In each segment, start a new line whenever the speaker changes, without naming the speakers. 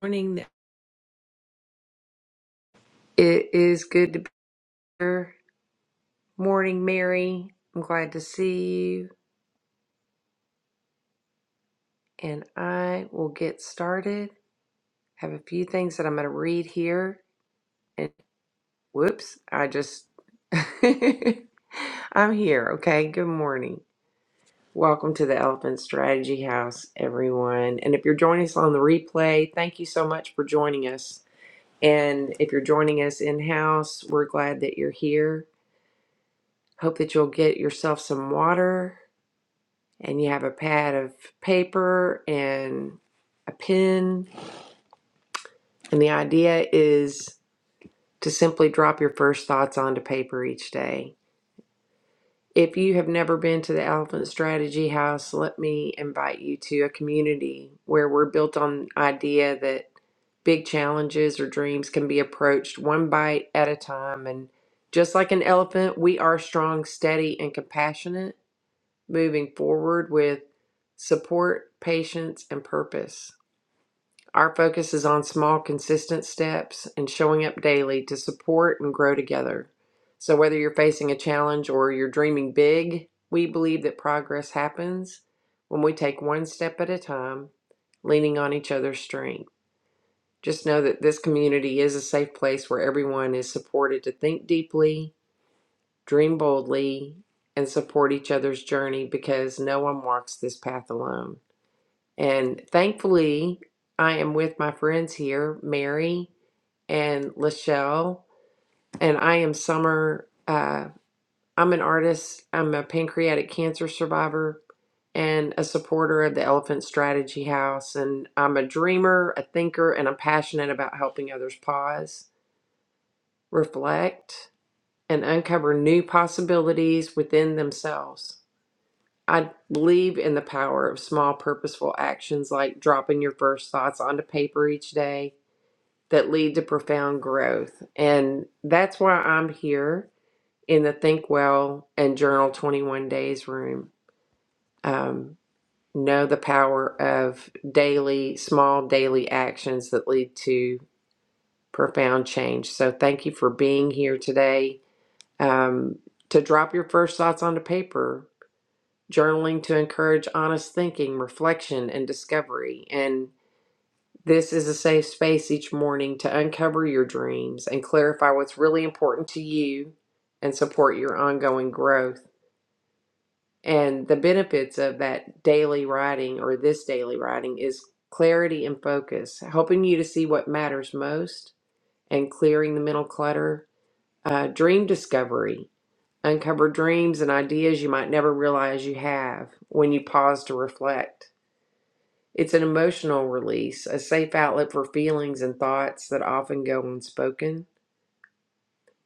morning. It is good to be here. Morning, Mary. I'm glad to see you. And I will get started. Have a few things that I'm going to read here. And whoops, I just. I'm here. Okay. Good morning. Welcome to the Elephant Strategy House, everyone. And if you're joining us on the replay, thank you so much for joining us. And if you're joining us in house, we're glad that you're here. Hope that you'll get yourself some water and you have a pad of paper and a pen. And the idea is to simply drop your first thoughts onto paper each day. If you have never been to the Elephant Strategy House, let me invite you to a community where we're built on the idea that big challenges or dreams can be approached one bite at a time. And just like an elephant, we are strong, steady, and compassionate, moving forward with support, patience, and purpose. Our focus is on small, consistent steps and showing up daily to support and grow together. So, whether you're facing a challenge or you're dreaming big, we believe that progress happens when we take one step at a time, leaning on each other's strength. Just know that this community is a safe place where everyone is supported to think deeply, dream boldly, and support each other's journey because no one walks this path alone. And thankfully, I am with my friends here, Mary and Lachelle, and I am Summer. Uh, I'm an artist, I'm a pancreatic cancer survivor, and a supporter of the Elephant Strategy House. And I'm a dreamer, a thinker, and I'm passionate about helping others pause, reflect, and uncover new possibilities within themselves. I believe in the power of small, purposeful actions like dropping your first thoughts onto paper each day that lead to profound growth. And that's why I'm here in the Think Well and Journal 21 Days room. Um, know the power of daily, small daily actions that lead to profound change. So thank you for being here today. Um, to drop your first thoughts onto paper journaling to encourage honest thinking, reflection, and discovery. And this is a safe space each morning to uncover your dreams and clarify what's really important to you and support your ongoing growth. And the benefits of that daily writing or this daily writing is clarity and focus, helping you to see what matters most and clearing the mental clutter. Uh, dream discovery, uncover dreams and ideas you might never realize you have when you pause to reflect It's an emotional release, a safe outlet for feelings and thoughts that often go unspoken.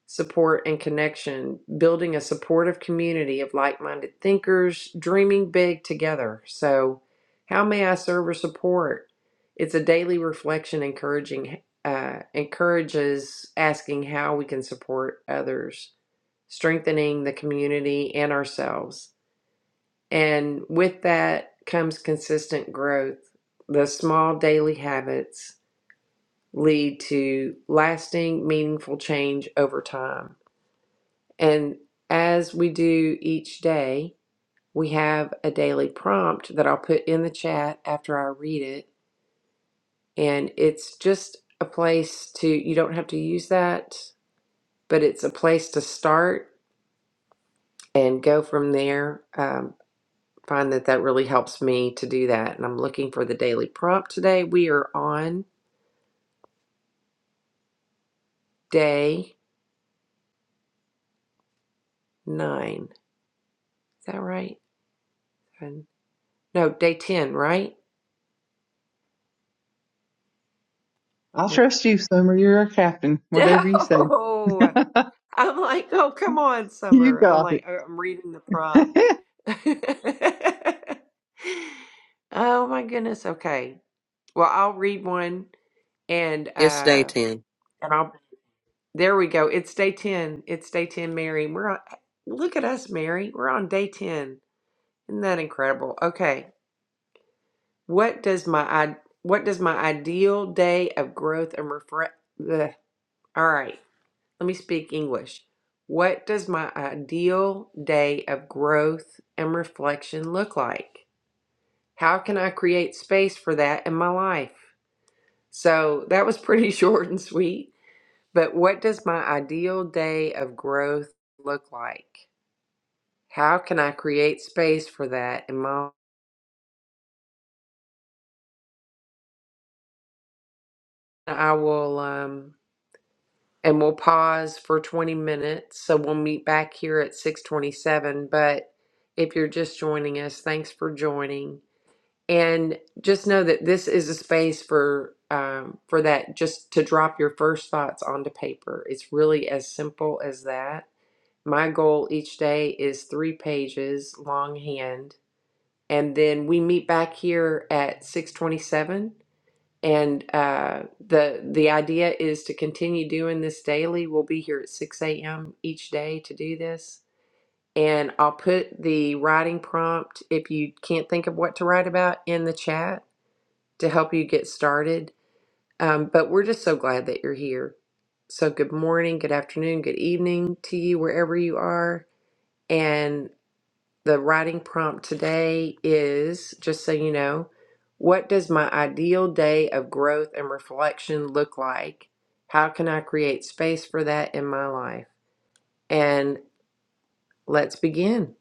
Support and connection, building a supportive community of like minded thinkers, dreaming big together. So, how may I serve or support? It's a daily reflection, encouraging, uh, encourages asking how we can support others, strengthening the community and ourselves and with that comes consistent growth. The small daily habits lead to lasting, meaningful change over time. And as we do each day, we have a daily prompt that I'll put in the chat after I read it. And it's just a place to, you don't have to use that, but it's a place to start and go from there. Um, find that that really helps me to do that. And I'm looking for the daily prompt today. We are on day nine. Is that right? And- No, day 10, right?
I will
Look-
trust you, Summer. You're our captain. Whatever you say,
No. I'm like, oh, come on,
you
Summer. I'm
got
like,
it.
oh, I'm reading the prompt. oh my goodness. Okay. Well, I'll read one and
It's day
uh
10.
and I'll there we go. It's day 10. It's day 10, Mary. We're on look at us, Mary. We're on day 10 Isn't that incredible? Okay. What does my i- what does my ideal day of growth and refresh All right. Let me speak English. What does my ideal day of growth and reflection look like? How can I create space for that in my life? So, that was pretty short and sweet, but what does my ideal day of growth look like? How can I create space for that in my I will um and we'll pause for 20 minutes. So we'll meet back here at 627. But if you're just joining us, thanks for joining. And just know that this is a space for um, for that just to drop your first thoughts onto paper. It's really as simple as that. My goal each day is three pages longhand. And then we meet back here at 627 and uh, the the idea is to continue doing this daily. We'll be here at 6 a.m. each day to do this. And I'll put the writing prompt, if you can't think of what to write about, in the chat to help you get started. Um, but we're just so glad that you're here. So, good morning, good afternoon, good evening to you, wherever you are. and. The writing prompt today is just so you know, what does my ideal day of growth and reflection look like? How can I create space for that in my life? And let's begin.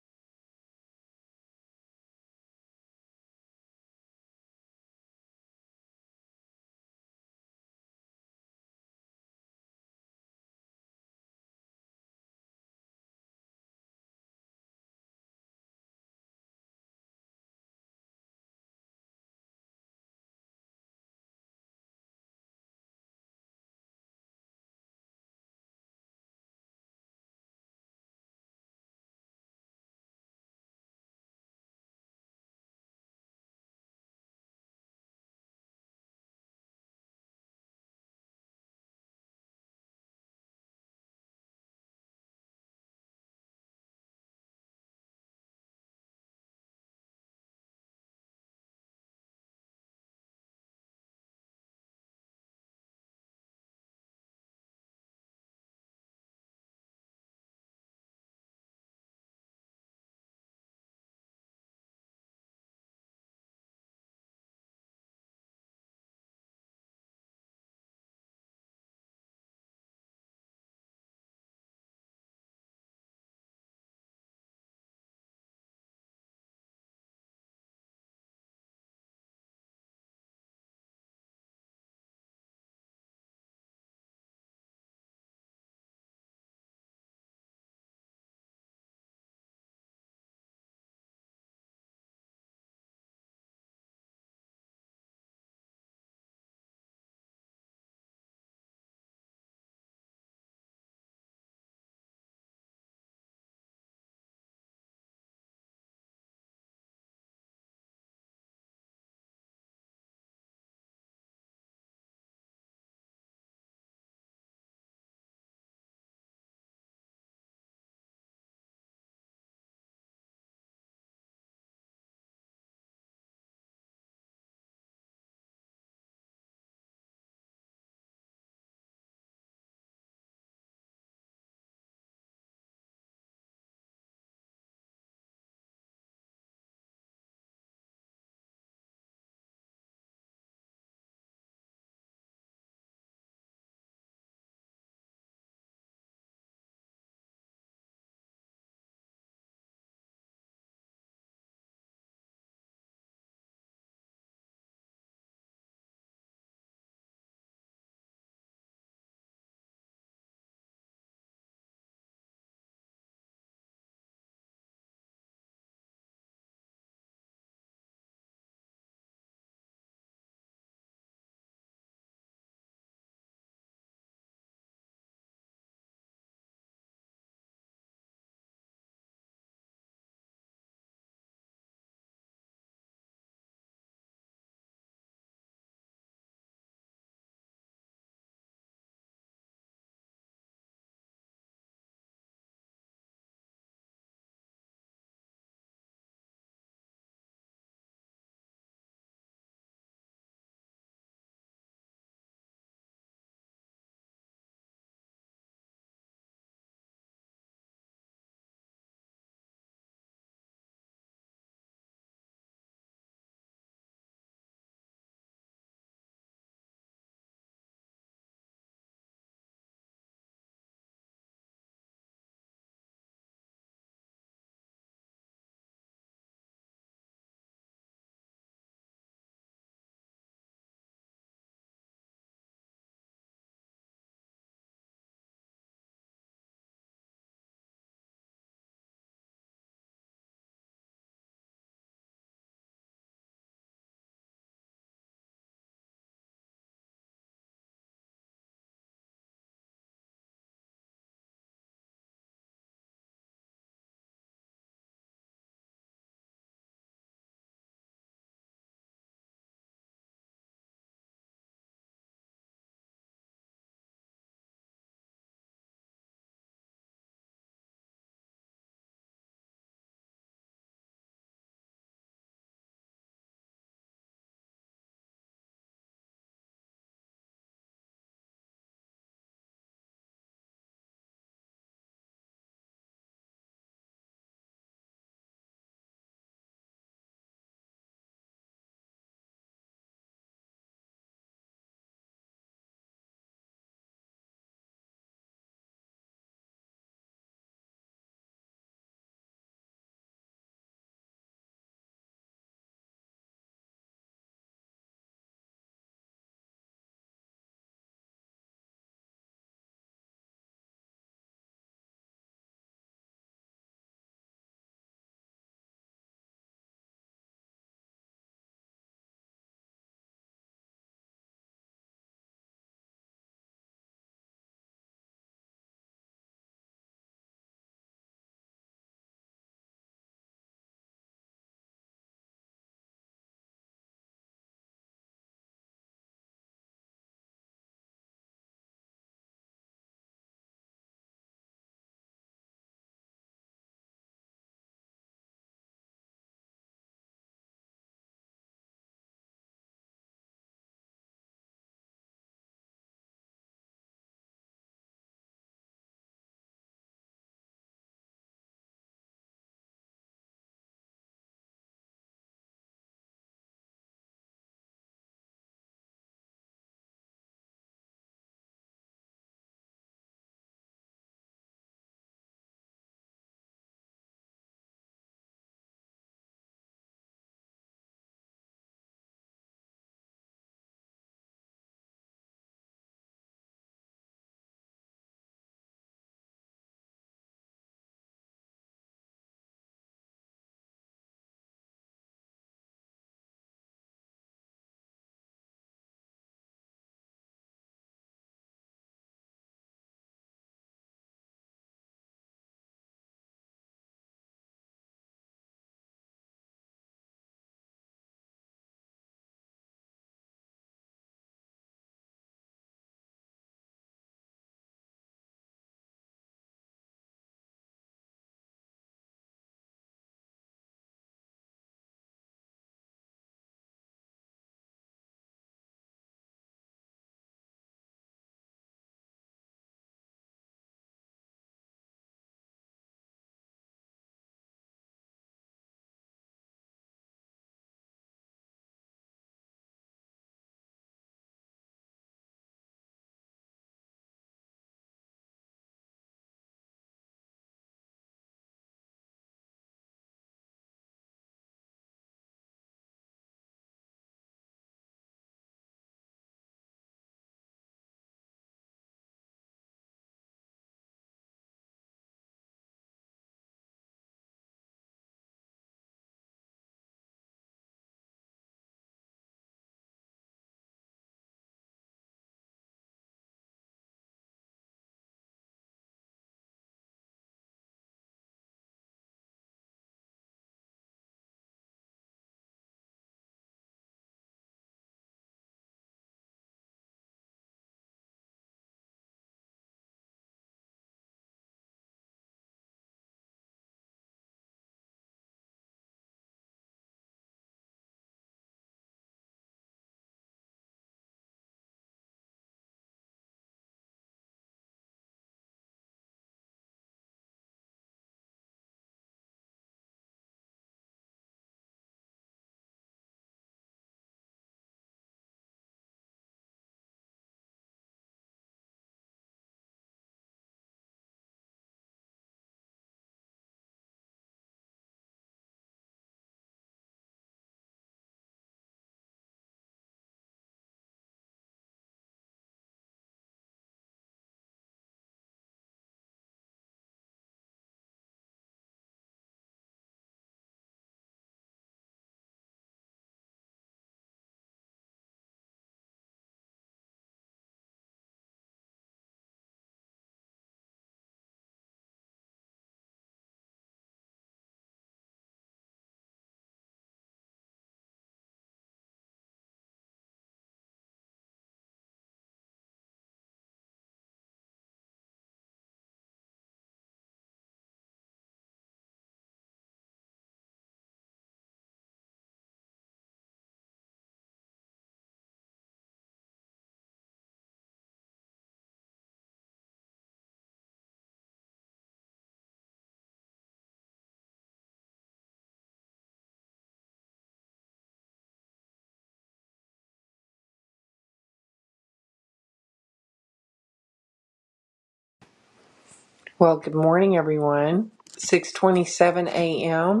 Well, good morning, everyone. 6:27 a.m.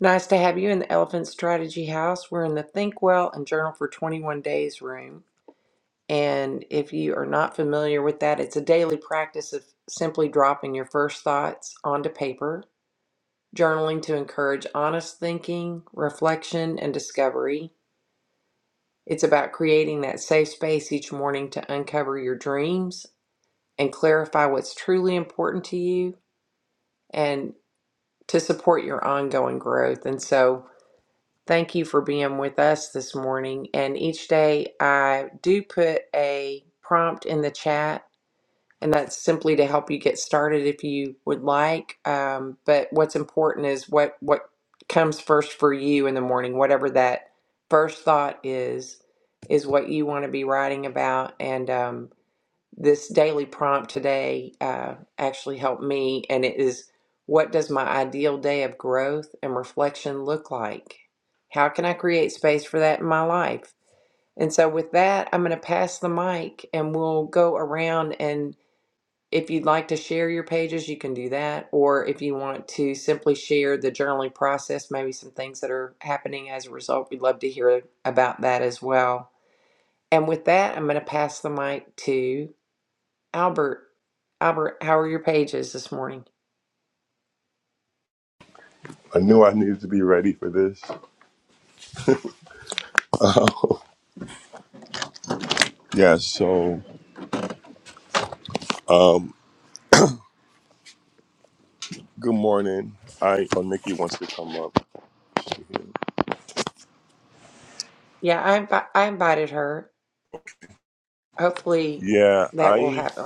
Nice to have you in the Elephant Strategy House. We're in the Think Well and Journal for 21 Days room. And if you are not familiar with that, it's a daily practice of simply dropping your first thoughts onto paper journaling to encourage honest thinking, reflection, and discovery. It's about creating that safe space each morning to uncover your dreams and clarify what's truly important to you and to support your ongoing growth. And so, thank you for being with us this morning. And each day, I do put a prompt in the chat and that's simply to help you get started if you would like. Um, but what's important is what what comes first for you in the morning, whatever that first thought is, is what you want to be writing about. And um, this daily prompt today uh, actually helped me, and it is what does my ideal day of growth and reflection look like? How can I create space for that in my life? And so, with that, I'm going to pass the mic and we'll go around and if you'd like to share your pages, you can do that. Or if you want to simply share the journaling process, maybe some things that are happening as a result, we'd love to hear about that as well. And with that, I'm going to pass the mic to Albert. Albert, how are your pages this morning?
I knew I needed to be ready for this. Yeah, so good morning. I oh Nikki wants to come up.
Yeah, I, invi- I invited her. Hopefully
Yeah,
that will
I
happen.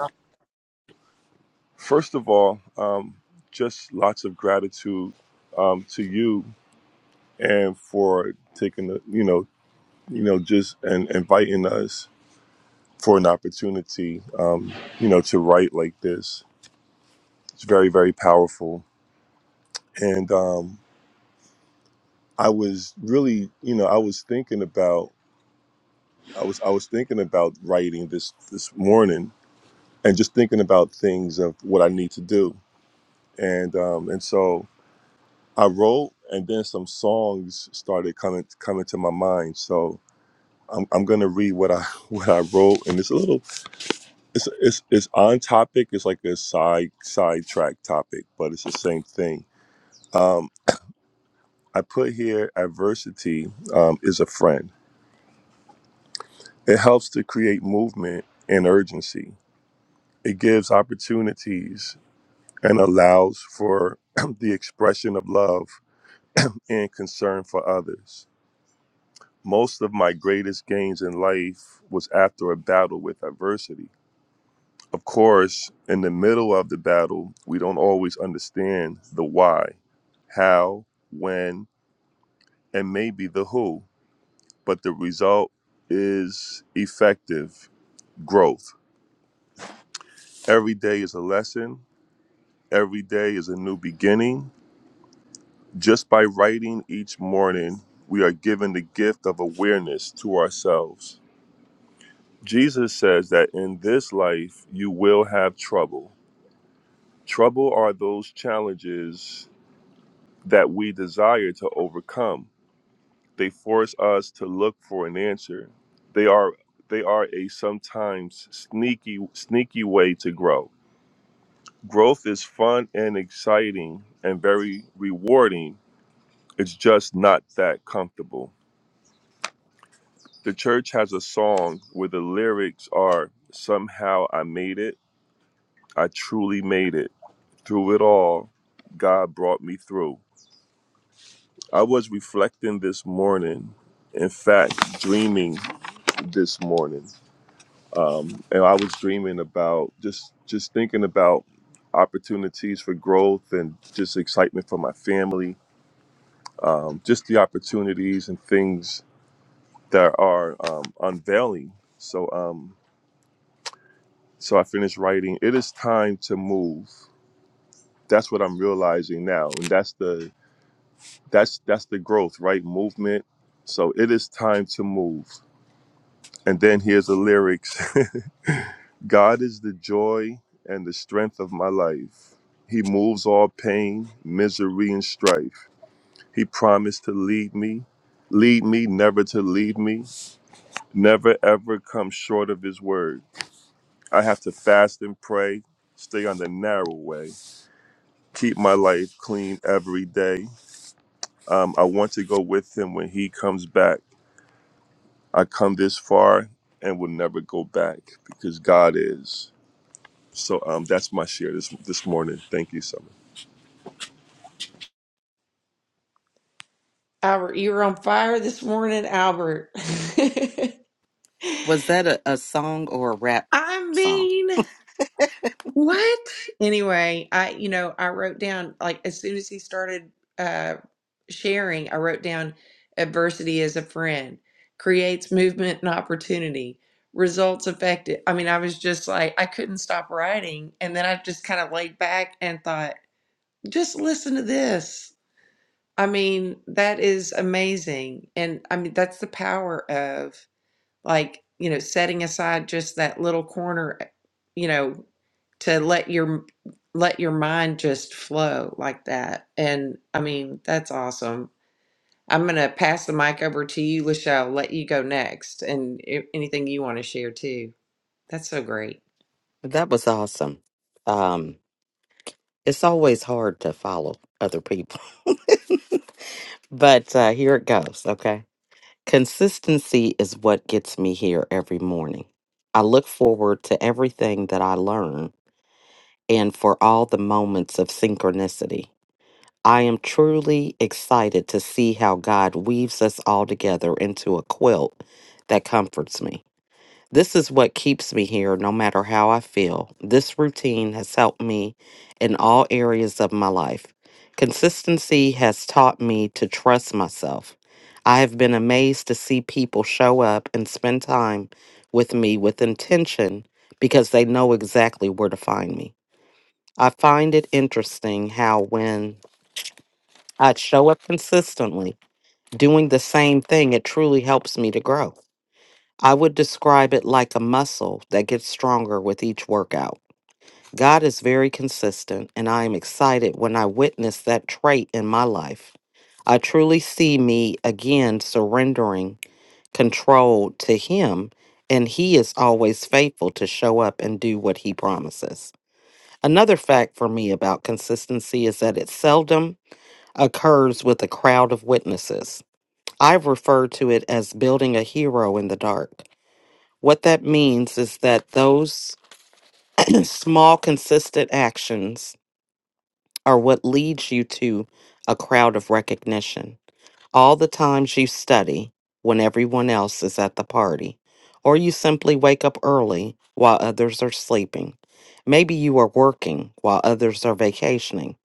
first of all, um, just lots of gratitude um, to you and for taking the you know you know just and inviting us for an opportunity um, you know to write like this. It's very very powerful, and um, I was really you know I was thinking about. I was I was thinking about writing this this morning and just thinking about things of what I need to do and um, and so I wrote and then some songs started coming coming to my mind so I'm, I'm gonna read what I what I wrote and it's a little it's it's, it's on topic it's like a side sidetrack topic but it's the same thing um, I put here adversity um, is a friend it helps to create movement and urgency it gives opportunities and allows for the expression of love and concern for others. Most of my greatest gains in life was after a battle with adversity. Of course, in the middle of the battle, we don't always understand the why, how, when, and maybe the who, but the result is effective growth. Every day is a lesson, every day is a new beginning, Just by writing each morning, we are given the gift of awareness to ourselves. Jesus says that in this life you will have trouble. Trouble are those challenges that we desire to overcome. They force us to look for an answer. They are they are a sometimes sneaky sneaky way to grow. Growth is fun and exciting and very rewarding. It's just not that comfortable. the church has a song where the lyrics are somehow I made it. I truly made it. Through it all, God brought me through. I was reflecting this morning, in fact, dreaming this morning. Um, and I was dreaming about just just thinking about opportunities for growth and just excitement for my family, um, just the opportunities and things that are um, unveiling. So um, So I finished writing. It is time to move. That's what I'm realizing now, and that's the that's that's the growth, right? Movement. So it is time to move. And then here's the lyrics. God is the joy and the strength of my life. He moves all pain, misery, and strife. He promised to lead me, lead me, never to leave me, never ever come short of His word. I have to fast and pray, stay on the narrow way. keep my life clean every day. Um, I want to go with him when he comes back. I come this far and will never go back because God is. So um, that's my share this this morning. Thank you so much.
Albert, you were on fire this morning, Albert.
Was that a, a song or a rap
I'm
song?
mean. What? Anyway, I, you know, I wrote down, like, as soon as he started uh, sharing, I wrote down adversity as a friend, creates movement and opportunity, results effective. I mean, I was just like, I couldn't stop writing. And then I just kind of laid back and thought, just listen to this. I mean, that is amazing. And I mean, that's the power of like you know setting aside just that little corner eh, you know to let your let your mind just flow like that and i mean that's awesome i'm going to pass the mic over to you lachelle let you go next and i- anything you want to share too that's so great
That was awesome. Um, it's always hard to follow other people, but uh, here it goes. Okay. Consistency is what gets me here every morning. I look forward to everything that I learn and for all the moments of synchronicity. I am truly excited to see how God weaves us all together into a quilt that comforts me. This is what keeps me here no matter how I feel. This routine has helped me in all areas of my life. Consistency has taught me to trust myself. I have been amazed to see people show up and spend time with me with intention because they know exactly where to find me. I find it interesting how when I show up consistently, doing the same thing, it truly helps me to grow. I would describe it like a muscle that gets stronger with each workout. God is very consistent, and I am excited when I witness that trait in my life. I truly see me again surrendering control to Him, and He is always faithful to show up and do what He promises. Another fact for me about consistency is that it seldom occurs with a crowd of witnesses. I've referred to it as building a hero in the dark. What that means is that those small, consistent actions are what leads you to a crowd of recognition. All the times you study when everyone else is at the party, or you simply wake up early while others are sleeping. Maybe you are working while others are vacationing.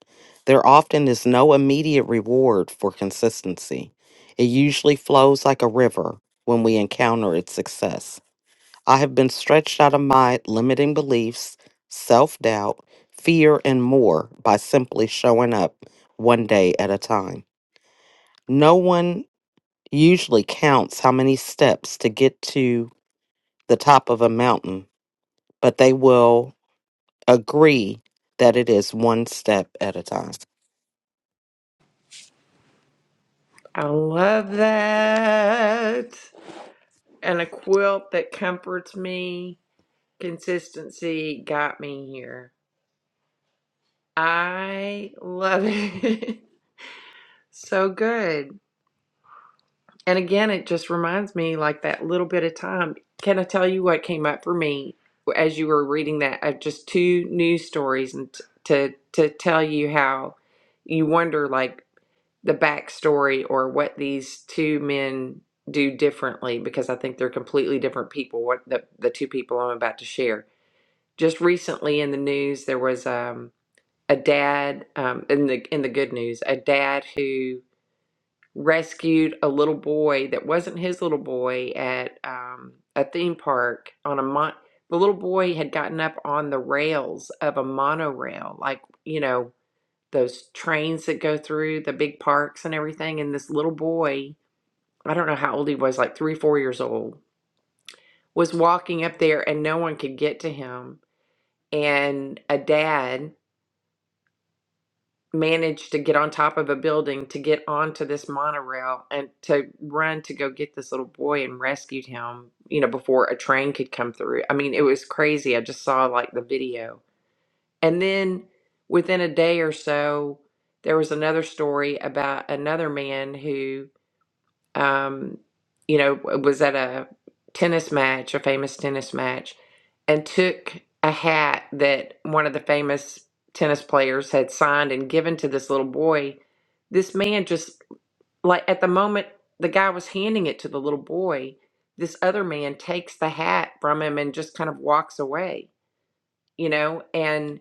There often is no immediate reward for consistency. It usually flows like a river when we encounter its success. I have been stretched out of my limiting beliefs, self doubt, fear, and more by simply showing up one day at a time. No one usually counts how many steps to get to the top of a mountain, but they will agree that it is one step at a time.
I love that. And a quilt that comforts me. Consistency got me here. I love it. so good. And again, it just reminds me like that little bit of time. Can I tell you what came up for me as you were reading that of just two news stories and t- to to tell you how you wonder like the backstory or what these two men do differently because I think they're completely different people. What the the two people I'm about to share. Just recently in the news, there was um, a dad um, in the in the good news, a dad who rescued a little boy that wasn't his little boy at um, a theme park on a mon. The little boy had gotten up on the rails of a monorail, like you know those trains that go through the big parks and everything. And this little boy, I don't know how old he was, like three, four years old, was walking up there, and no one could get to him. And a dad managed to get on top of a building to get onto this monorail and to run to go get this little boy and rescued him, you know, before a train could come through. I mean, it was crazy. I just saw like the video. And then within a day or so, there was another story about another man who um, you know, was at a tennis match, a famous tennis match, and took a hat that one of the famous tennis players had signed and given to this little boy. This man just, like, at the moment the guy was handing it to the little boy, this other man takes the hat from him and just kind of walks away, you know? and.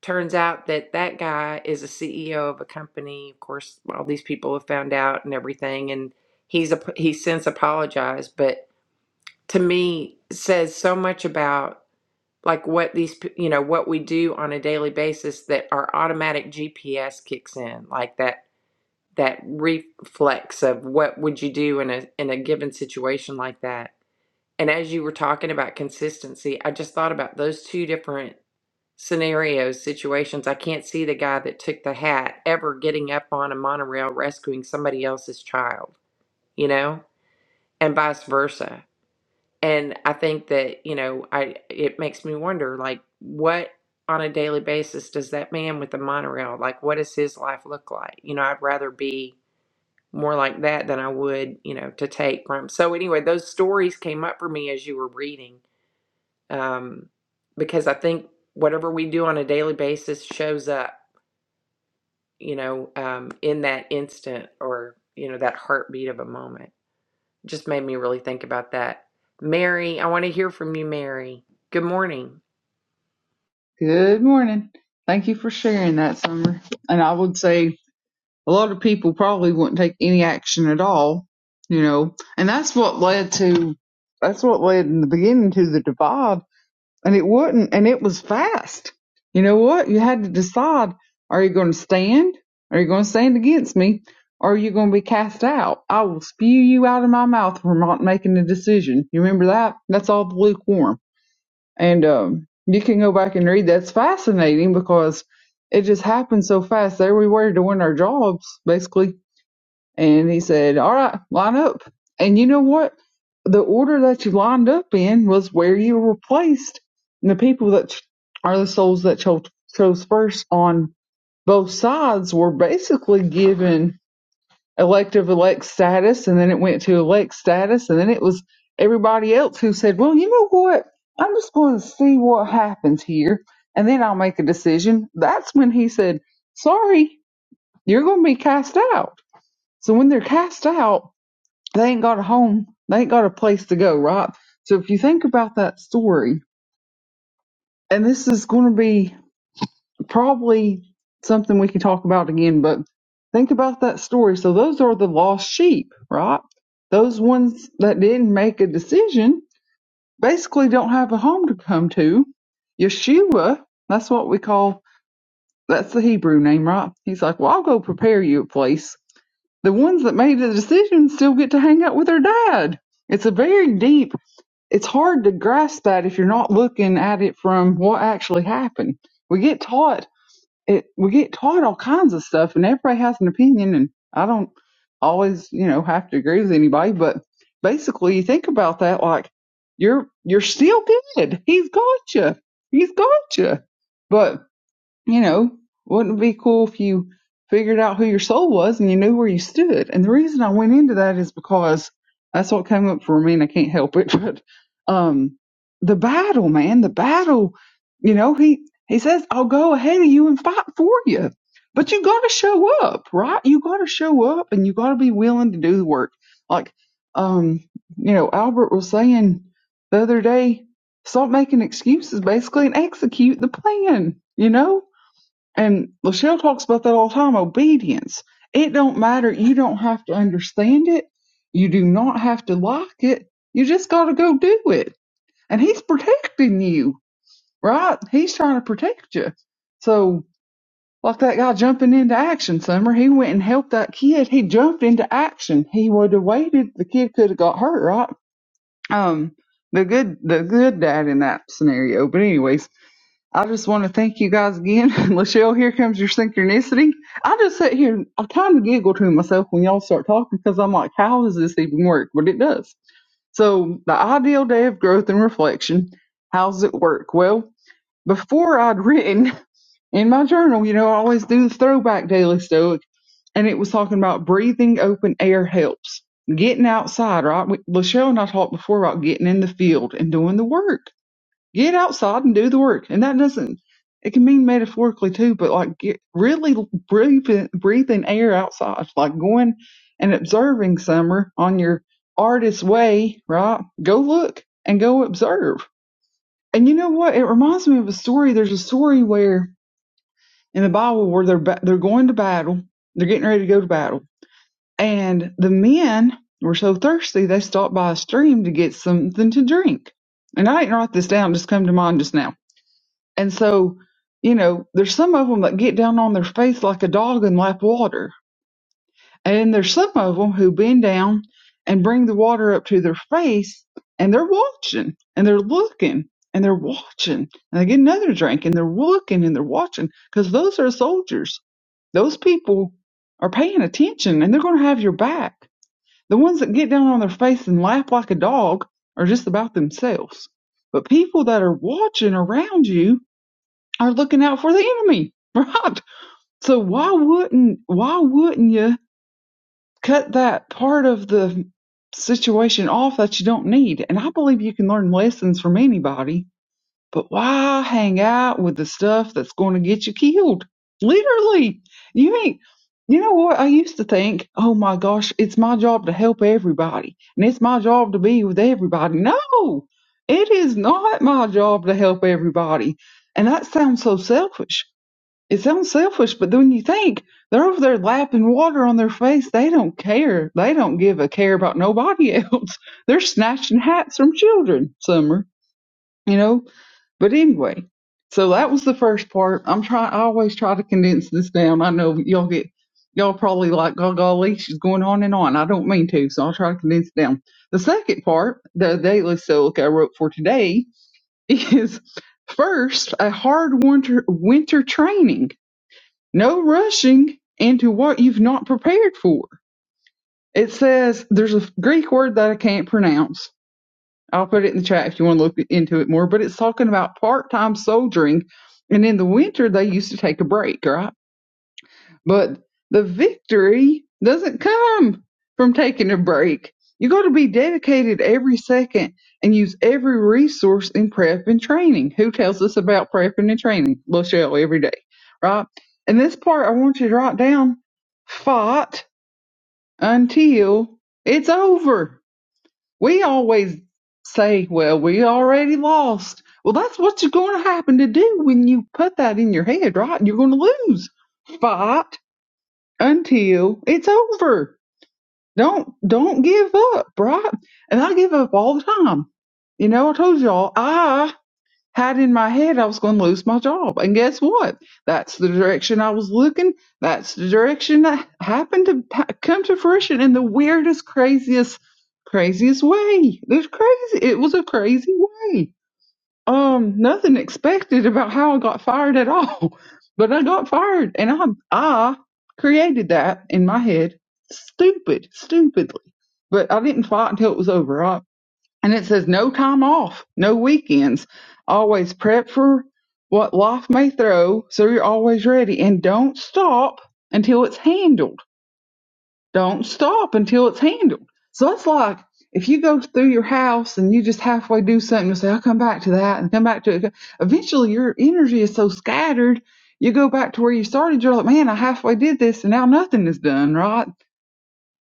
Turns out that that guy is a CEO of a company. Of course, all these people have found out and everything, and he's a he since apologized, but to me says so much about like what these p- you know what we do on a daily basis that our automatic GPS kicks in, like that that reflex of what would you do in a in a given situation like that. And as you were talking about consistency, I just thought about those two different scenarios, situations. I can't see the guy that took the hat ever getting up on a monorail rescuing somebody else's child, you know, and vice versa. And I think that, you know, I it makes me wonder like what on a daily basis does that man with the monorail like what does his life look like? You know, I'd rather be more like that than I would, you know, to take from. So anyway, those stories came up for me as you were reading. Um because I think whatever we do on a daily basis shows up you know, um, in that instant or, you know, that heartbeat of a moment. Just made me really think about that. Mary, I want to hear from you, Mary. Good morning.
Good morning. Thank you for sharing that, Summer. And I would say a lot of people probably wouldn't take any action at all, you know, and that's what led to, that's what led in the beginning to the divide and it wouldn't and it was fast you know what you had to decide are you going to stand are you going to stand against me or are you going to be cast out i will spew you out of my mouth for not making a decision you remember that that's all the lukewarm and um you can go back and read that's fascinating because it just happened so fast there we were doing our jobs basically and he said, All right, line up. And you know what? The order that you lined up in was where you were placed. And the people that ch- are the souls that cho- chose first on both sides were basically given elective elect status. And then it went to elect status. And then it was everybody else who said, Well, you know what? I'm just going to see what happens here. And then I'll make a decision. That's when he said, Sorry, you're going to be cast out. So when they're cast out, they ain't got a home. They ain't got a place to go, right? So if you think about that story, and this is going to be probably something we can talk about again, but think about that story. So those are the lost sheep, right? Those ones that didn't make a decision basically don't have a home to come to. Yeshua, that's what we call, that's the Hebrew name, right? He's like, well, I'll go prepare you a place. The ones that made the decision still get to hang out with their dad. It's a very deep it's hard to grasp that if you're not looking at it from what actually happened. We get taught it we get taught all kinds of stuff and everybody has an opinion and I don't always, you know, have to agree with anybody, but basically you think about that like you're you're still good. He's got you. He's got you. But you know, wouldn't it be cool if you figured out who your soul was and you knew where you stood? And the reason I went into that is because that's what came up for me and I can't help it. But um the battle, man, the battle, you know, he he says, I'll go ahead of you and fight for you. But you gotta show up, right? You gotta show up and you gotta be willing to do the work. Like um, you know, Albert was saying the other day, stop making excuses basically and execute the plan, you know? And Lachelle talks about that all the time obedience. It don't matter. You don't have to understand it. You do not have to like it. You just got to go do it. And he's protecting you, right? He's trying to protect you. So, like that guy jumping into action, Summer, he went and helped that kid. He jumped into action. He would have waited. The kid could have got hurt, right? Um, the good, the good dad in that scenario. But anyway, I just want to thank you guys again. Lachelle, here comes your synchronicity. I just sit here and I kind of giggle to myself when y'all start talking because I'm like, how does this even work? But it does. So, the ideal day of growth and reflection, how's it work? Well, before I'd written in my journal, you know, I always do the throwback daily stoic, and it was talking about breathing open air helps. Getting outside, right? We- Lachelle and I talked before about getting in the field and doing the work Get outside and do the work. And that doesn't, it can mean metaphorically too, but like get really breathing, breathing air outside, like going and observing summer on your artist way, right? Go look and go observe. And you know what? It reminds me of a story. There's a story where in the Bible where they're, ba- they're going to battle. They're getting ready to go to battle. And the men were so thirsty they stopped by a stream to get something to drink. And I didn't write this down, just come to mind just now and so, you know, there's some of them that get down on their face like a dog and lap water. And then there's some of them who bend down and bring the water up to their face and they're watching and they're looking and they're watching and they get another drink and they're looking and they're watching because those are soldiers. Those people are paying attention and they're going to have your back. The ones that get down on their face and lap like a dog are just about themselves. But people that are watching around you are looking out for the enemy, right? So why wouldn't why wouldn't you cut that part of the situation off that you don't need? And I believe you can learn lessons from anybody, but why hang out with the stuff that's going to get you killed? Literally, you ain't. You know what? I used to think, oh my gosh, it's my job to help everybody and it's my job to be with everybody. No, it is not my job to help everybody. And that sounds so selfish it sounds selfish, but then when you think they're over there lapping water on their face, they don't care. They don't give a care about nobody else. They're snatching hats from children, Summer, you know. But anyway, so that was the first part. I'm trying, I always try to condense this down. I know y'all get, y'all probably like, oh, golly, she's going on and on. I don't mean to, so I'll try to condense it down. The second part, the daily silica I wrote for today, is first a hard winter winter training no rushing into what you've not prepared for. It says there's a Greek word that I can't pronounce. I'll put it in the chat if you want to look into it more, but it's talking about part time soldiering. And in the winter, they used to take a break, right? But the victory doesn't come from taking a break. You got to be dedicated every second and use every resource in prep and training. Who tells us about prepping and training? Lachelle every day, right? And this part, I want you to write down fought until it's over. We always say, well, we already lost. Well, that's what you're going to happen to do when you put that in your head, right? You're going to lose. Fight until it's over. Don't don't give up, right? And I give up all the time. You know, I told y'all I had in my head I was going to lose my job, and guess what? That's the direction I was looking. That's the direction that happened to ha- come to fruition in the weirdest, craziest, craziest way. It was crazy. It was a crazy way um, nothing expected about how I got fired at all, but I got fired, and I I created that in my head, stupid, stupidly. But I didn't fight until it was over. I, and it says no time off, no weekends, always prep for what life may throw, so you're always ready, and don't stop until it's handled don't stop until it's handled. So that's like if you go through your house and you just halfway do something, and say, I'll come back to that and come back to it. Eventually, your energy is so scattered, you go back to where you started. You're like, man, I halfway did this and now nothing is done, right?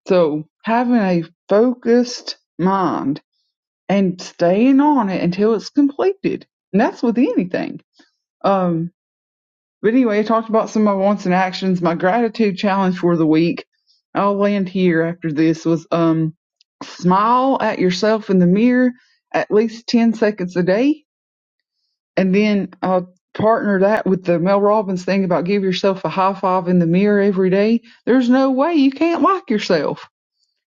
So having a focused mind and staying on it until it's completed. And that's with anything. Um, but anyway, I talked about some of my wants and actions. My gratitude challenge for the week. I'll land here after this was um smile at yourself in the mirror at least ten seconds a day. And then I'll partner that with the Mel Robbins thing about give yourself a high five in the mirror every day. There's no way you can't like yourself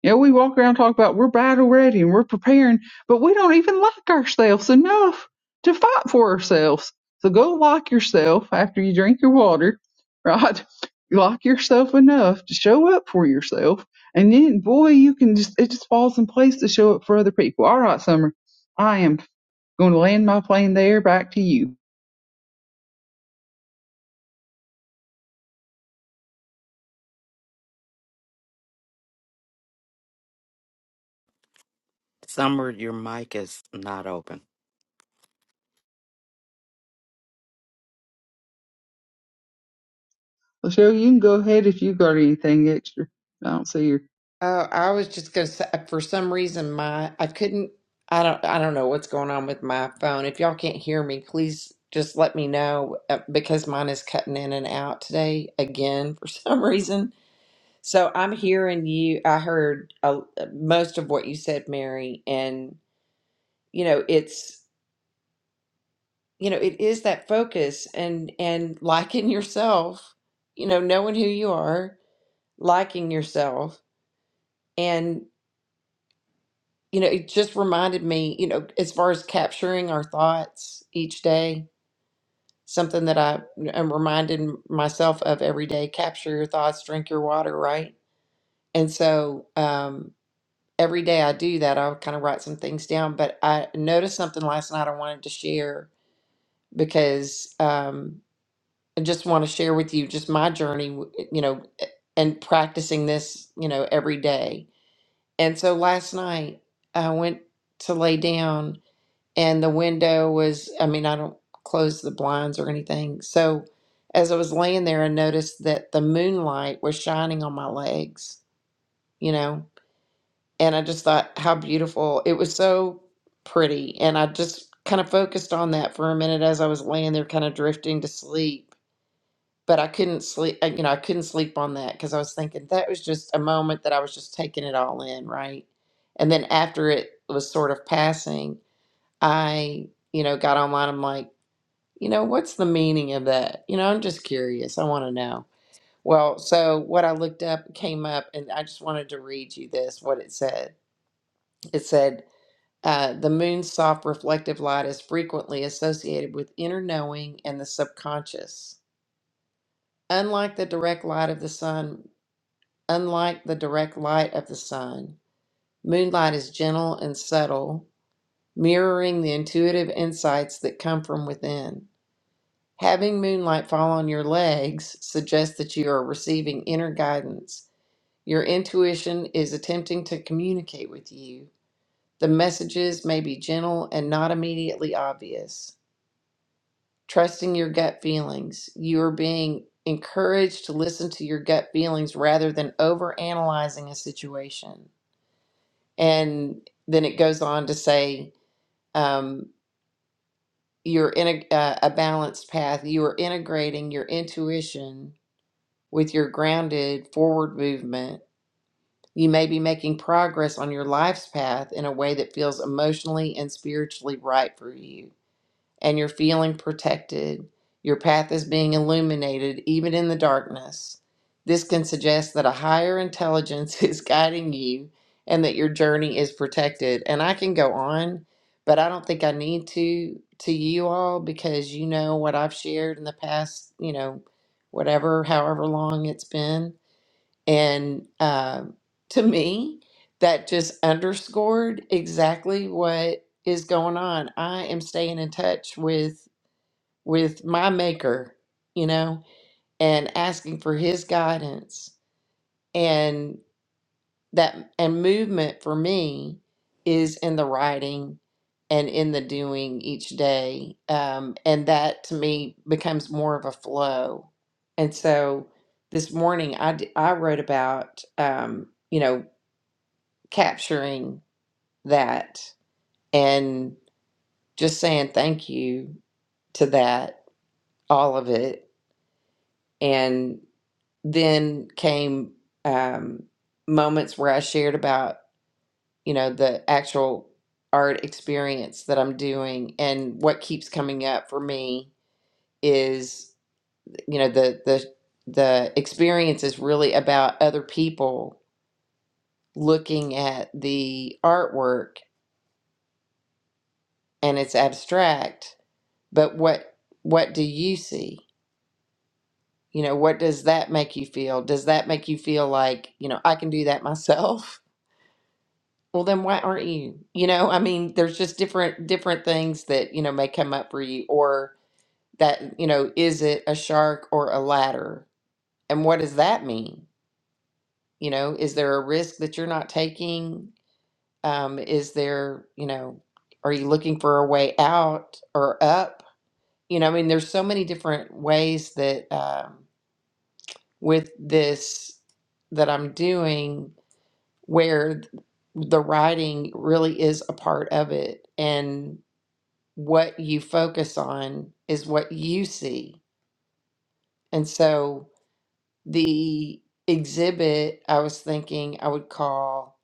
yeah, we walk around and talk about we're battle ready and we're preparing, but we don't even like ourselves enough to fight for ourselves. So go like yourself after you drink your water, right? Like yourself enough to show up for yourself, and then boy, you can just it just falls in place to show up for other people. All right, Summer, I am going to land my plane there. Back to you,
Summer, your mic is not open.
so you can go ahead if you got anything extra. I don't see her.
Oh, I was just gonna say, uh, for some reason, my I couldn't. I don't. I don't know what's going on with my phone. If y'all can't hear me, please just let me know uh, because mine is cutting in and out today again for some reason. So I'm hearing you. I heard uh, most of what you said, Mary, and you know it's. you know it is that focus and and liking yourself you know knowing who you are liking yourself and you know it just reminded me you know as far as capturing our thoughts each day something that i am reminding myself of every day capture your thoughts drink your water right and so um every day i do that i'll kind of write some things down but i noticed something last night i wanted to share because um, I just want to share with you just my journey, w- eh, you know, eh, and practicing this, you know, every day. And so last night I went to lay down and the window was, I mean, I don't close the blinds or anything. So as I was laying there, I noticed that the moonlight was shining on my legs, you know, and I just thought how beautiful. It was so pretty. And I just kind of focused on that for a minute as I was laying there, kind of drifting to sleep but I couldn't sleep. uh, You know, I couldn't sleep on that because I was thinking that was just a moment that I was just taking it all in, right? And then after it was sort of passing, I, you know, got online. I'm like, you know, what's the meaning of that? You know, I'm just curious. I want to know. Well, so what I looked up came up, and I just wanted to read you this what it said. It said, uh, the moon's soft reflective light is frequently associated with inner knowing and the subconscious. Unlike the direct light of the sun, unlike the direct light of the sun. Moonlight is gentle and subtle, mirroring the intuitive insights that come from within. Having moonlight fall on your legs suggests that you are receiving inner guidance. Your intuition is attempting to communicate with you. The messages may be gentle and not immediately obvious. Trusting your gut feelings. You are being encouraged to listen to your gut feelings rather than overanalyzing a situation. And then it goes on to say, um, you're in a, uh, a balanced path. You are integrating your intuition with your grounded forward movement. You may be making progress on your life's path in a way that feels emotionally and spiritually right for you. and you're feeling protected. Your path is being illuminated even in the darkness. This can suggest that a higher intelligence is guiding you and that your journey is protected. And I can go on, but I don't think I need to to you all because you know what I've shared in the past, you know, whatever, however long it's been. And um to me, that just underscored exactly what is going on. I am staying in touch with with my maker, you know, and asking for his guidance. And that and movement for me is in the writing and in the doing each day. Um, and that to me becomes more of a flow. And so this morning I, d- I wrote about, um, you know, capturing that and just saying thank you to that, all of it. And then came um, moments where I shared about, you know, the actual art experience that I'm doing. And what keeps coming up for me is, you know, the, the, the experience is really about other people looking at the artwork and it's abstract but what what do you see you know what does that make you feel does that make you feel like you know i can do that myself well then why aren't you you know i mean there's just different different things that you know may come up for you or that you know is it a shark or a ladder and what does that mean you know is there a risk that you're not taking um is there you know are you looking for a way out or up you know i mean there's so many different ways that um with this that I'm doing where the writing really is a part of it and what you focus on is what you see. And so the exhibit I was thinking I would call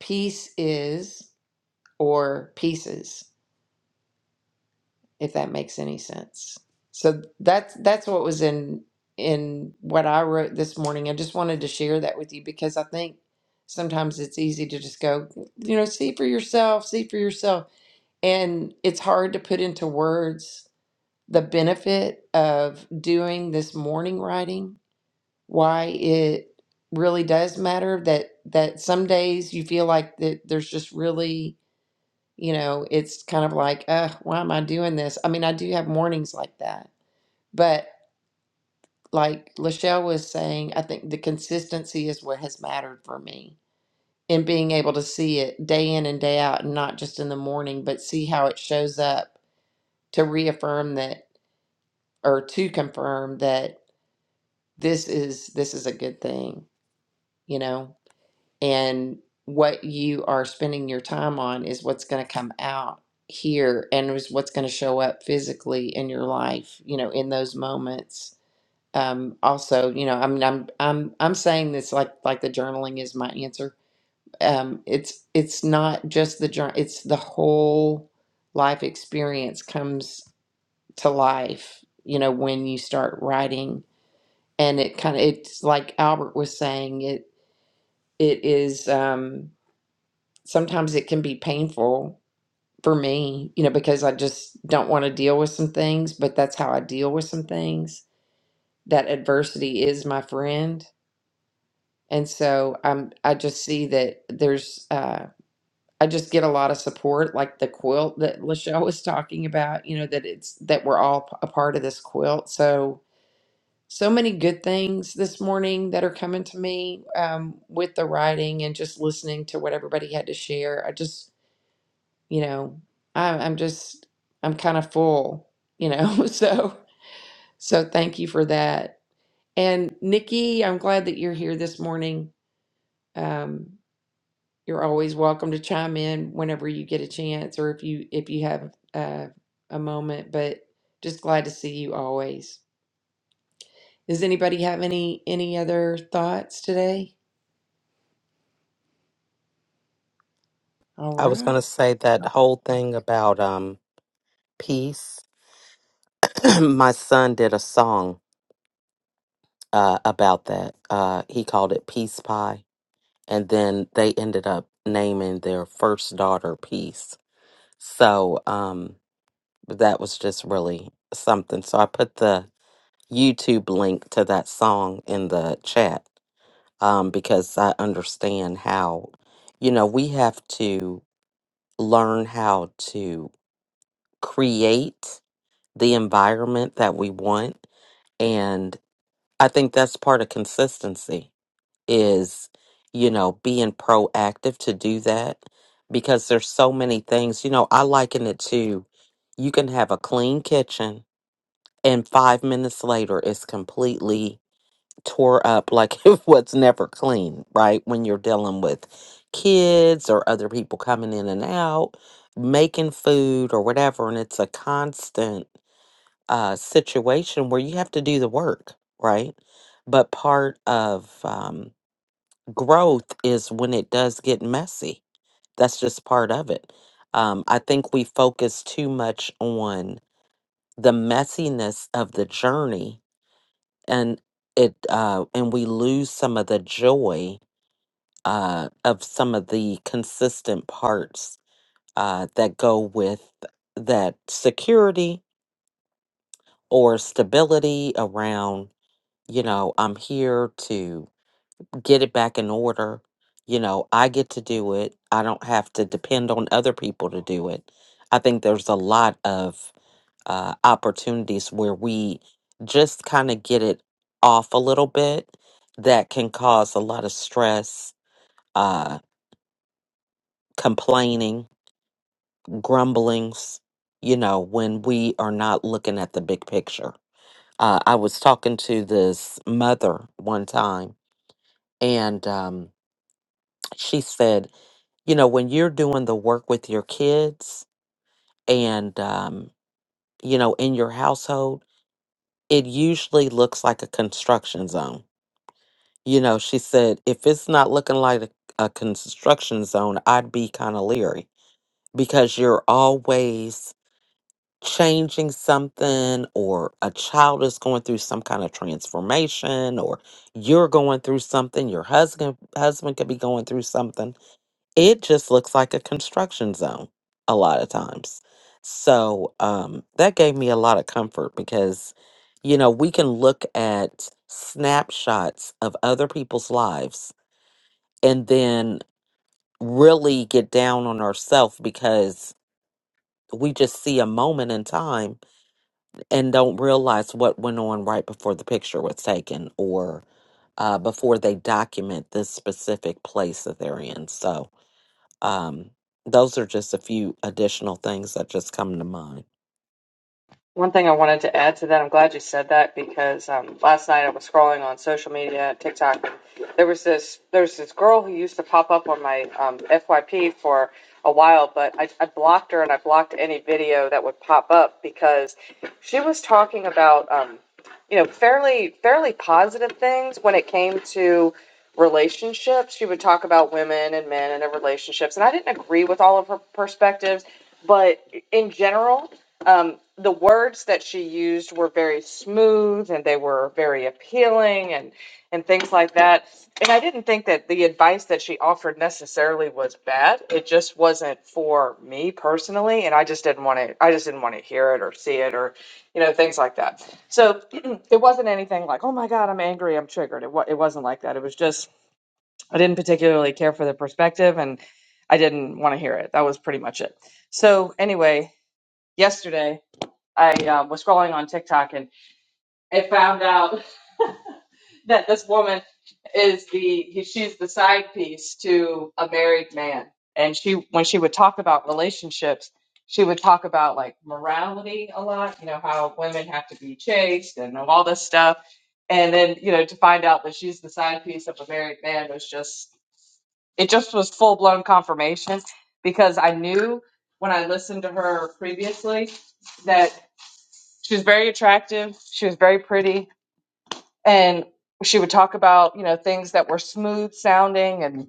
Peace Is or Pieces if that makes any sense. So that's that's what was in in what I wrote this morning. I just wanted to share that with you because I think sometimes it's easy to just go, you know, see for yourself, see for yourself, and it's hard to put into words the benefit of doing this morning writing, why it really does matter that that some days you feel like that there's just really you know, it's kind of like, uh, why am I doing this? I mean, I do have mornings like that, but like Lachelle was saying, I think the consistency is what has mattered for me in being able to see it day in and day out, and not just in the morning, but see how it shows up to reaffirm that or to confirm that this is this is a good thing, you know. and what you are spending your time on is what's going to come out here and is what's going to show up physically in your life you know in those moments um also you know i mean i'm i'm i'm saying this like like the journaling is my answer um it's it's not just the journal it's the whole life experience comes to life you know when you start writing and it kind of it's like albert was saying it it is um sometimes it can be painful for me, you know, because I just don't want to deal with some things, but that's how I deal with some things. That adversity is my friend. And so I'm I just see that there's uh I just get a lot of support like the quilt that Lachelle was talking about, you know, that it's that we're all a part of this quilt. So so many good things this morning that are coming to me um, with the writing and just listening to what everybody had to share. I just you know, I, I'm just, I'm kind of full, you know, so, so thank you for that. And Nikki, I'm glad that you're here this morning. Um, you're always welcome to chime in whenever you get a chance, or if you, if you have, uh, a moment, but just glad to see you always. Does anybody have any, any other thoughts today? All
I was going
right.
to say that whole thing about um, Peace. My son did a song uh, about that. Uh, he called it Peace Pie. And then they ended up naming their first daughter Peace. So um, that was just really something. So I put the YouTube link to that song in the chat um, because I understand how, you know, we have to learn how to create the environment that we want I think that's part of consistency is, you know, being proactive to do that because there's so many things. You know, I liken it to you can have a clean kitchen and five minutes later it's completely tore up like it was never clean, right? When you're dealing with kids or other people coming in and out, making food or whatever, and it's a constant uh, situation where you have to do the work, right? But part of um, growth is when it does get messy. That's just part of it. Um, I think we focus too much on the messiness of the journey, and it uh, and we lose some of the joy uh, of some of the consistent parts uh, that go with that security or stability around you know, I'm here to get it back in order. You know, I get to do it. I don't have to depend on other people to do it. I think there's a lot of uh, opportunities where we just kind of get it off a little bit that can cause a lot of stress, uh, complaining, grumblings, you know, when we are not looking at the big picture. Uh, I was talking to this mother one time and, um, she said, you know, when you're doing the work with your kids and, um, you know, in your household, it usually looks like a construction zone. You know, she said, if it's not looking like a, a construction zone, I'd be kind of leery because you're always changing something or a child is going through some kind of transformation or you're going through something your husband husband could be going through something it just looks like a construction zone a lot of times. So um, that gave me a lot of comfort because, you know, we can look at snapshots of other people's lives and then really get down on ourselves because we just see a moment in time and don't realize what went on right before the picture was taken or uh, before they document this specific place that they're in. So, Um, those are just a few additional things that just come to mind.
One thing I wanted to add to that, I'm glad you said that because um, last night I was scrolling on social media, TikTok, and there was this there's this girl who used to pop up on my um, FYP for a while, but I, I blocked her and I blocked any video that would pop up because she was talking about um, you know fairly fairly positive things when it came to relationships. She would talk about women and men and their relationships, and I didn't agree with all of her perspectives, but in general um, the words that she used were very smooth and they were very appealing and and things like that. And I didn't think that the advice that she offered necessarily was bad. It just wasn't for me personally, and I just didn't want to. I just didn't want to hear it or see it or, you know, things like that. So it wasn't anything like, "Oh my God, I'm angry, I'm triggered." It wa- it wasn't like that. It was just I didn't particularly care for the perspective, and I didn't want to hear it. That was pretty much it. So anyway, yesterday I um, was scrolling on TikTok and I found out that this woman is the she's the side piece to a married man. And she when she would talk about relationships, she would talk about like morality a lot, you know, how women have to be chaste and all this stuff. And then, you know, to find out that she's the side piece of a married man was just it just was full blown confirmation because I knew when I listened to her previously that she was very attractive. She was very pretty, and she would talk about you know things that were smooth sounding and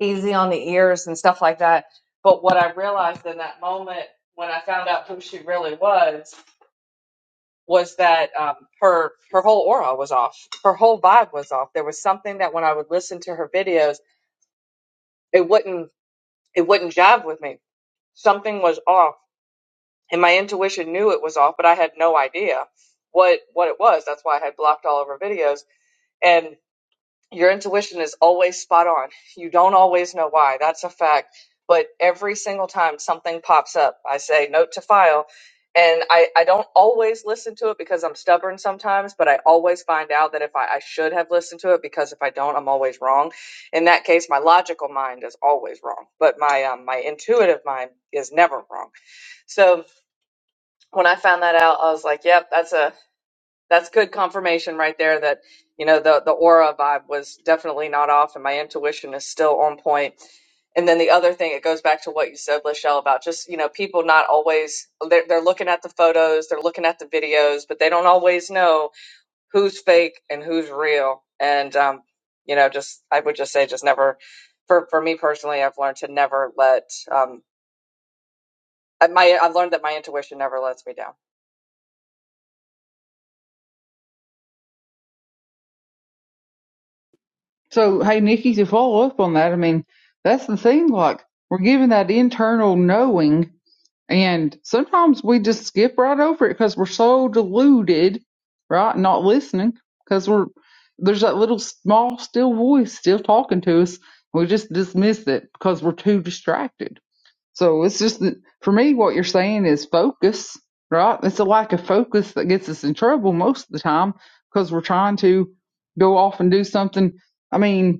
easy on the ears and stuff like that. But what I realized in that moment when I found out who she really was was that um, her her whole aura was off. Her whole vibe was off. There was something that when I would listen to her videos, it wouldn't it wouldn't jive with me. Something was off, and my intuition knew it was off, but I had no idea what what it was. That's why I had blocked all of her videos and your intuition is always spot on. You don't always know why. That's a fact. But every single time something pops up, I say note to file. And I, I don't always listen to it because I'm stubborn sometimes, but I always find out that if I, I should have listened to it because if I don't, I'm always wrong. In that case, my logical mind is always wrong, but my um, my intuitive mind is never wrong. So when I found that out, I was like, yep, that's a that's good confirmation right there that you know the the aura vibe was definitely not off and my intuition is still on point point. and then the other thing it goes back to what you said lachelle about just you know people not always they're, they're looking at the photos they're looking at the videos but they don't always know who's fake and who's real and um, you know just i would just say just never for, for me personally i've learned to never let um, I- my i've learned that my intuition never lets me down
So, hey, Nikki, to follow up on that, I mean, that's the thing. Like, we're given that internal knowing, and sometimes we just skip right over it because we're so deluded, right? Not listening because we're there's that little small, still voice still talking to us. We just dismiss it because we're too distracted. So, it's just that for me, what you're saying is focus, right? It's a lack of focus that gets us in trouble most of the time because we're trying to go off and do something. I mean,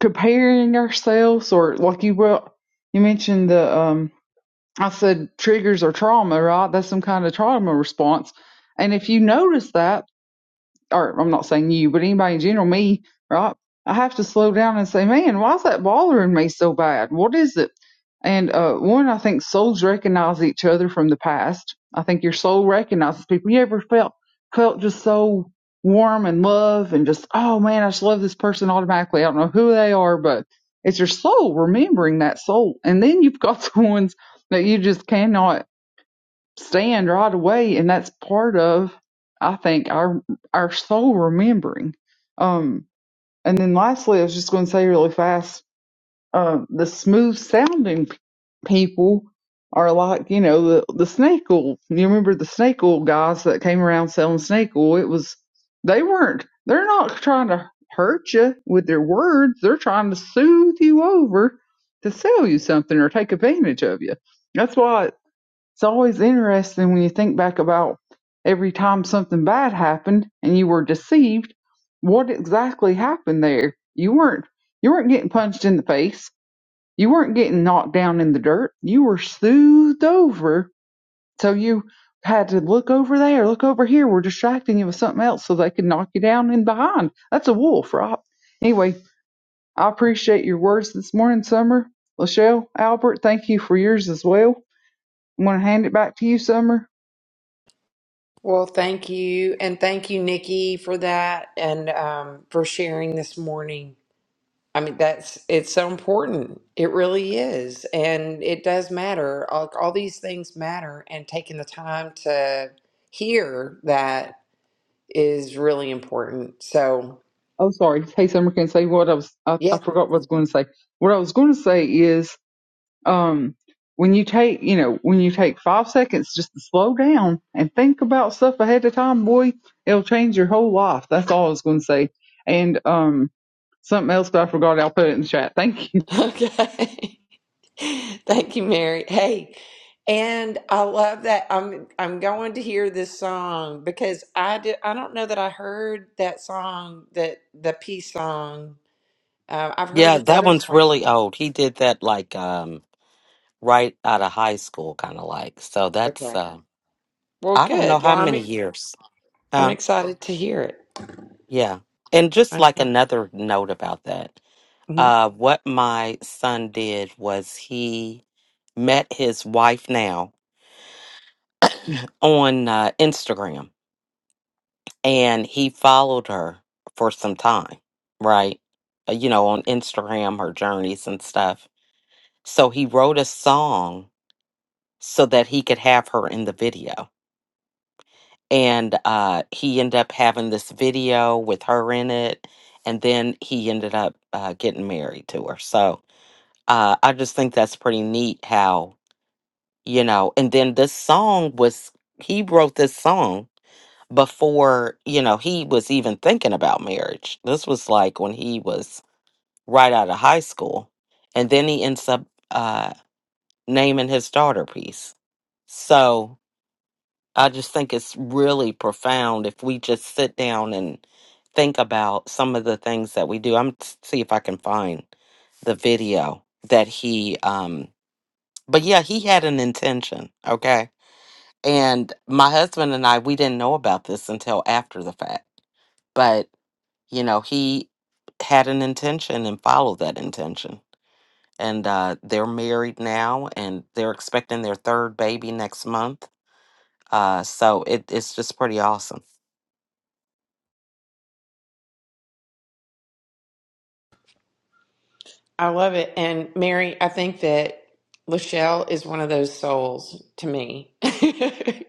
comparing ourselves or like you brought you mentioned the um I said triggers or trauma, right? That's some kind of trauma response. And if you notice that, or I'm not saying you, but anybody in general, me, right? I have to slow down and say, man, why is that bothering me so bad? What is it? And uh, one, I think souls recognize each other from the past. I think your soul recognizes people. You ever felt felt just so warm and love and just, oh man, I just love this person automatically. I don't know who they are, but it's your soul remembering that soul. And then you've got the ones that you just cannot stand right away and that's part of i think our our soul remembering um and then lastly i was just going to say really fast uh, the smooth sounding p- people are like you know the the snake oil you remember the snake oil guys that came around selling snake oil it was they weren't they're not trying to hurt you with their words they're trying to soothe you over to sell you something or take advantage of you that's why it's always interesting when you think back about every time something bad happened and you were deceived, what exactly happened there? You weren't you weren't getting punched in the face. You weren't getting knocked down in the dirt. You were soothed over. So you had to look over there, look over here. We're distracting you with something else so they could knock you down in behind. That's a wolf, right? Anyway, I appreciate your words this morning, Summer. Lachelle, Albert, thank you for yours as well. I'm going to hand it back to you, Summer.
Well, thank you. And thank you, Nikki, for that and um, for sharing this morning. I mean, that's it's so important. It really is. And it does matter. All, all these things matter, and taking the time to hear that is really important. So,
Oh, sorry. Hey, Summer, can say what I was. I, I
yeah.
forgot what I was going to say. What I was going to say is, um, when you take, you know, when you take five seconds just to slow down and think about stuff ahead of time, boy, it'll change your whole life. That's all I was going to say. And um, something else that I forgot, I'll put it in the chat. Thank you.
Okay. Thank you, Mary. Hey, and I love that I'm I'm going to hear this song because I did I don't know that I heard that song that the peace song. Uh, I've heard
Yeah,
his
that
other
one's
song.
really old. He did that like um right out of high school kind of like. So that's
Okay.
uh
Well,
I don't know
good. Well,
how many
I'm
years.
I'm
Huh?
excited to hear it.
Yeah. And just
I
like
am.
another note about that.
hmm
Uh what my son did was he met his wife now on uh, Instagram and he followed her for some time, right? Uh, You know, on Instagram, her journeys and stuff. So he wrote a song so that he could have her in the video. And uh, he ended up having this video with her in it. And then he ended up uh, getting married to her. So uh, I just think that's pretty neat how, you know, and then this song was, he wrote this song before, you know, he was even thinking about marriage. This was like when he was right out of high school. And then he ends up uh, naming his daughter Peace. So I just think it's really profound if we just sit down and think about some of the things that we do. I'm see if I can find the video that he um but yeah he had an intention okay and my husband and i we didn't know about this until after the fact but. you know, he had an intention and followed that intention. And uh, they're married now and they're expecting their third baby next month. Uh, so it, it's just pretty awesome.
I love it. And Mary, I think that Lachelle is one of those souls to me.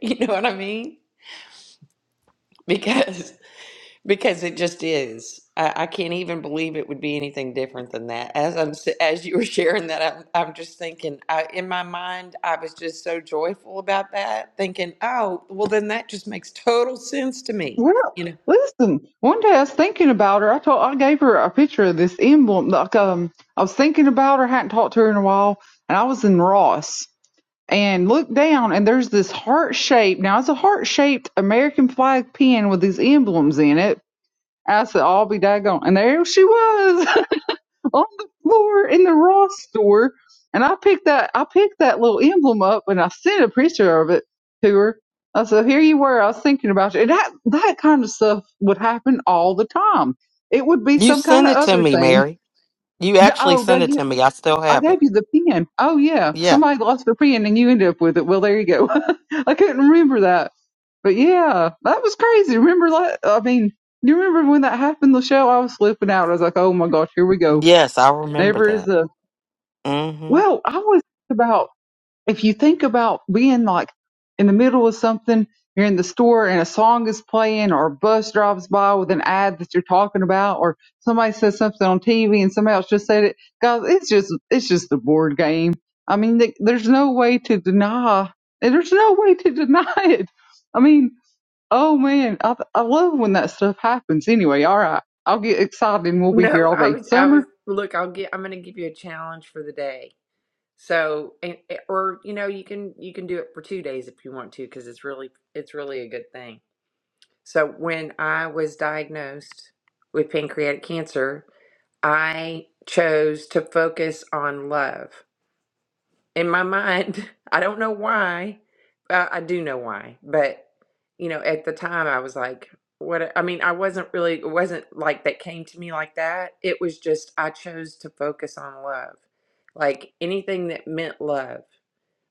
you know what I mean? Because because it just is. I, I can't even believe it would be anything different than that. As I'm s- as you were sharing that, I'm I'm just thinking. I, in my mind, I was just so joyful about that, thinking, oh, well, then that just makes total sense to me.
Well,
You know?
listen. One day I was thinking about her. I told, I gave her a picture of this emblem. Like, um, I was thinking about her. hadn't talked to her in a while, and I was in Ross. and look down and there's this heart shaped now it's a heart shaped American flag pin with these emblems in it. I said, I'll be daggone. And there she was on the floor in the Ross store. And I picked that I picked that little emblem up and I sent a picture of it to her. I said, Here you were, I was thinking about you. And that that kind of stuff would happen all the time. It would be
You
some kind
sent
of
it to
other
me,
thing.
Mary. You
D-
actually
Oh,
sent
Doug,
it to me. I still
I
have
gave
it.
you the pen. Oh yeah,
Yeah.
somebody lost their pen and you ended up with it. Well, there you go. I couldn't remember that, but yeah, that was crazy. Remember that? I mean, you remember when that happened? The show I was flipping out. I was like, oh my gosh, here we go.
Yes, I remember
Never is
that.
a
Mm-hmm.
well. I was about if you think about being like in the middle of something, you're in the store and a song is playing or a bus drives by with an ad that you're talking about or somebody says something on TV and somebody else just said it. Guys, it's just, it's just the board game. I mean, th- there's no way to deny, there's no way to deny it. I mean, oh man, I, I love when that stuff happens. Anyway, all right. I'll get excited and we'll be here
No,
all
I
day.
was I was.
Summer?
Look, I'll get. I'm going to give you a challenge for the day So, and, eh, or you know, you can you can do it for two days if you want to, because it's really it's really a good thing. So, when I was diagnosed with pancreatic cancer, I chose to focus on love. In my mind, I don't know why. Uh, I do know why, but you know, at the time, I was like, "What?" I mean, I wasn't really. It wasn't like that came to me like that. It was just I chose to focus on love, like anything that meant love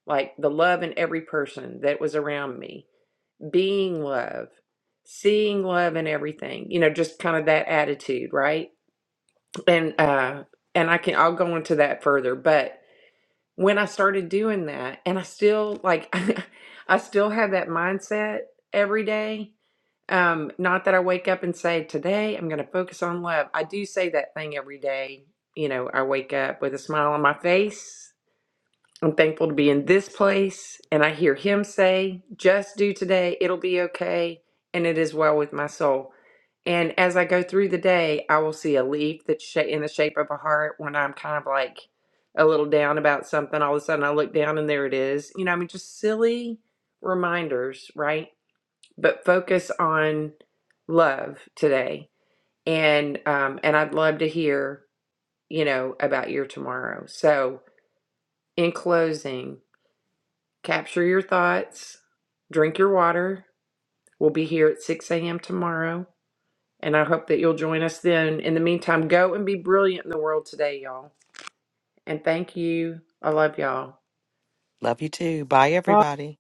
like the love in every person that was around me, being love, seeing love in everything, you know, just kind of that attitude, right? And uh and I can I'll go into that further, but when I started doing that and I still like I still have that mindset every day. Um not that I wake up and say today I'm going to focus on love. I do say that thing every day. You know, I wake up with a smile on my face I'm thankful to be in this place, and I hear Him say, Just do today, it'll be okay, and it is well with my soul. And as I go through the day, I will see a leaf that's sha- in the shape of a heart when I'm kind of like a little down about something. All of a sudden, I look down and there it is. You know, I mean, just silly reminders, right? But focus on love today, and um, and I'd love to hear you know about your tomorrow. So, in closing, Capture your thoughts, drink your water. We'll be here at 6 a.m. tomorrow, and I hope that you'll join us then. In the meantime, go and be brilliant in the world today, y'all. And thank you. I love y'all.
Love you too. Bye, everybody.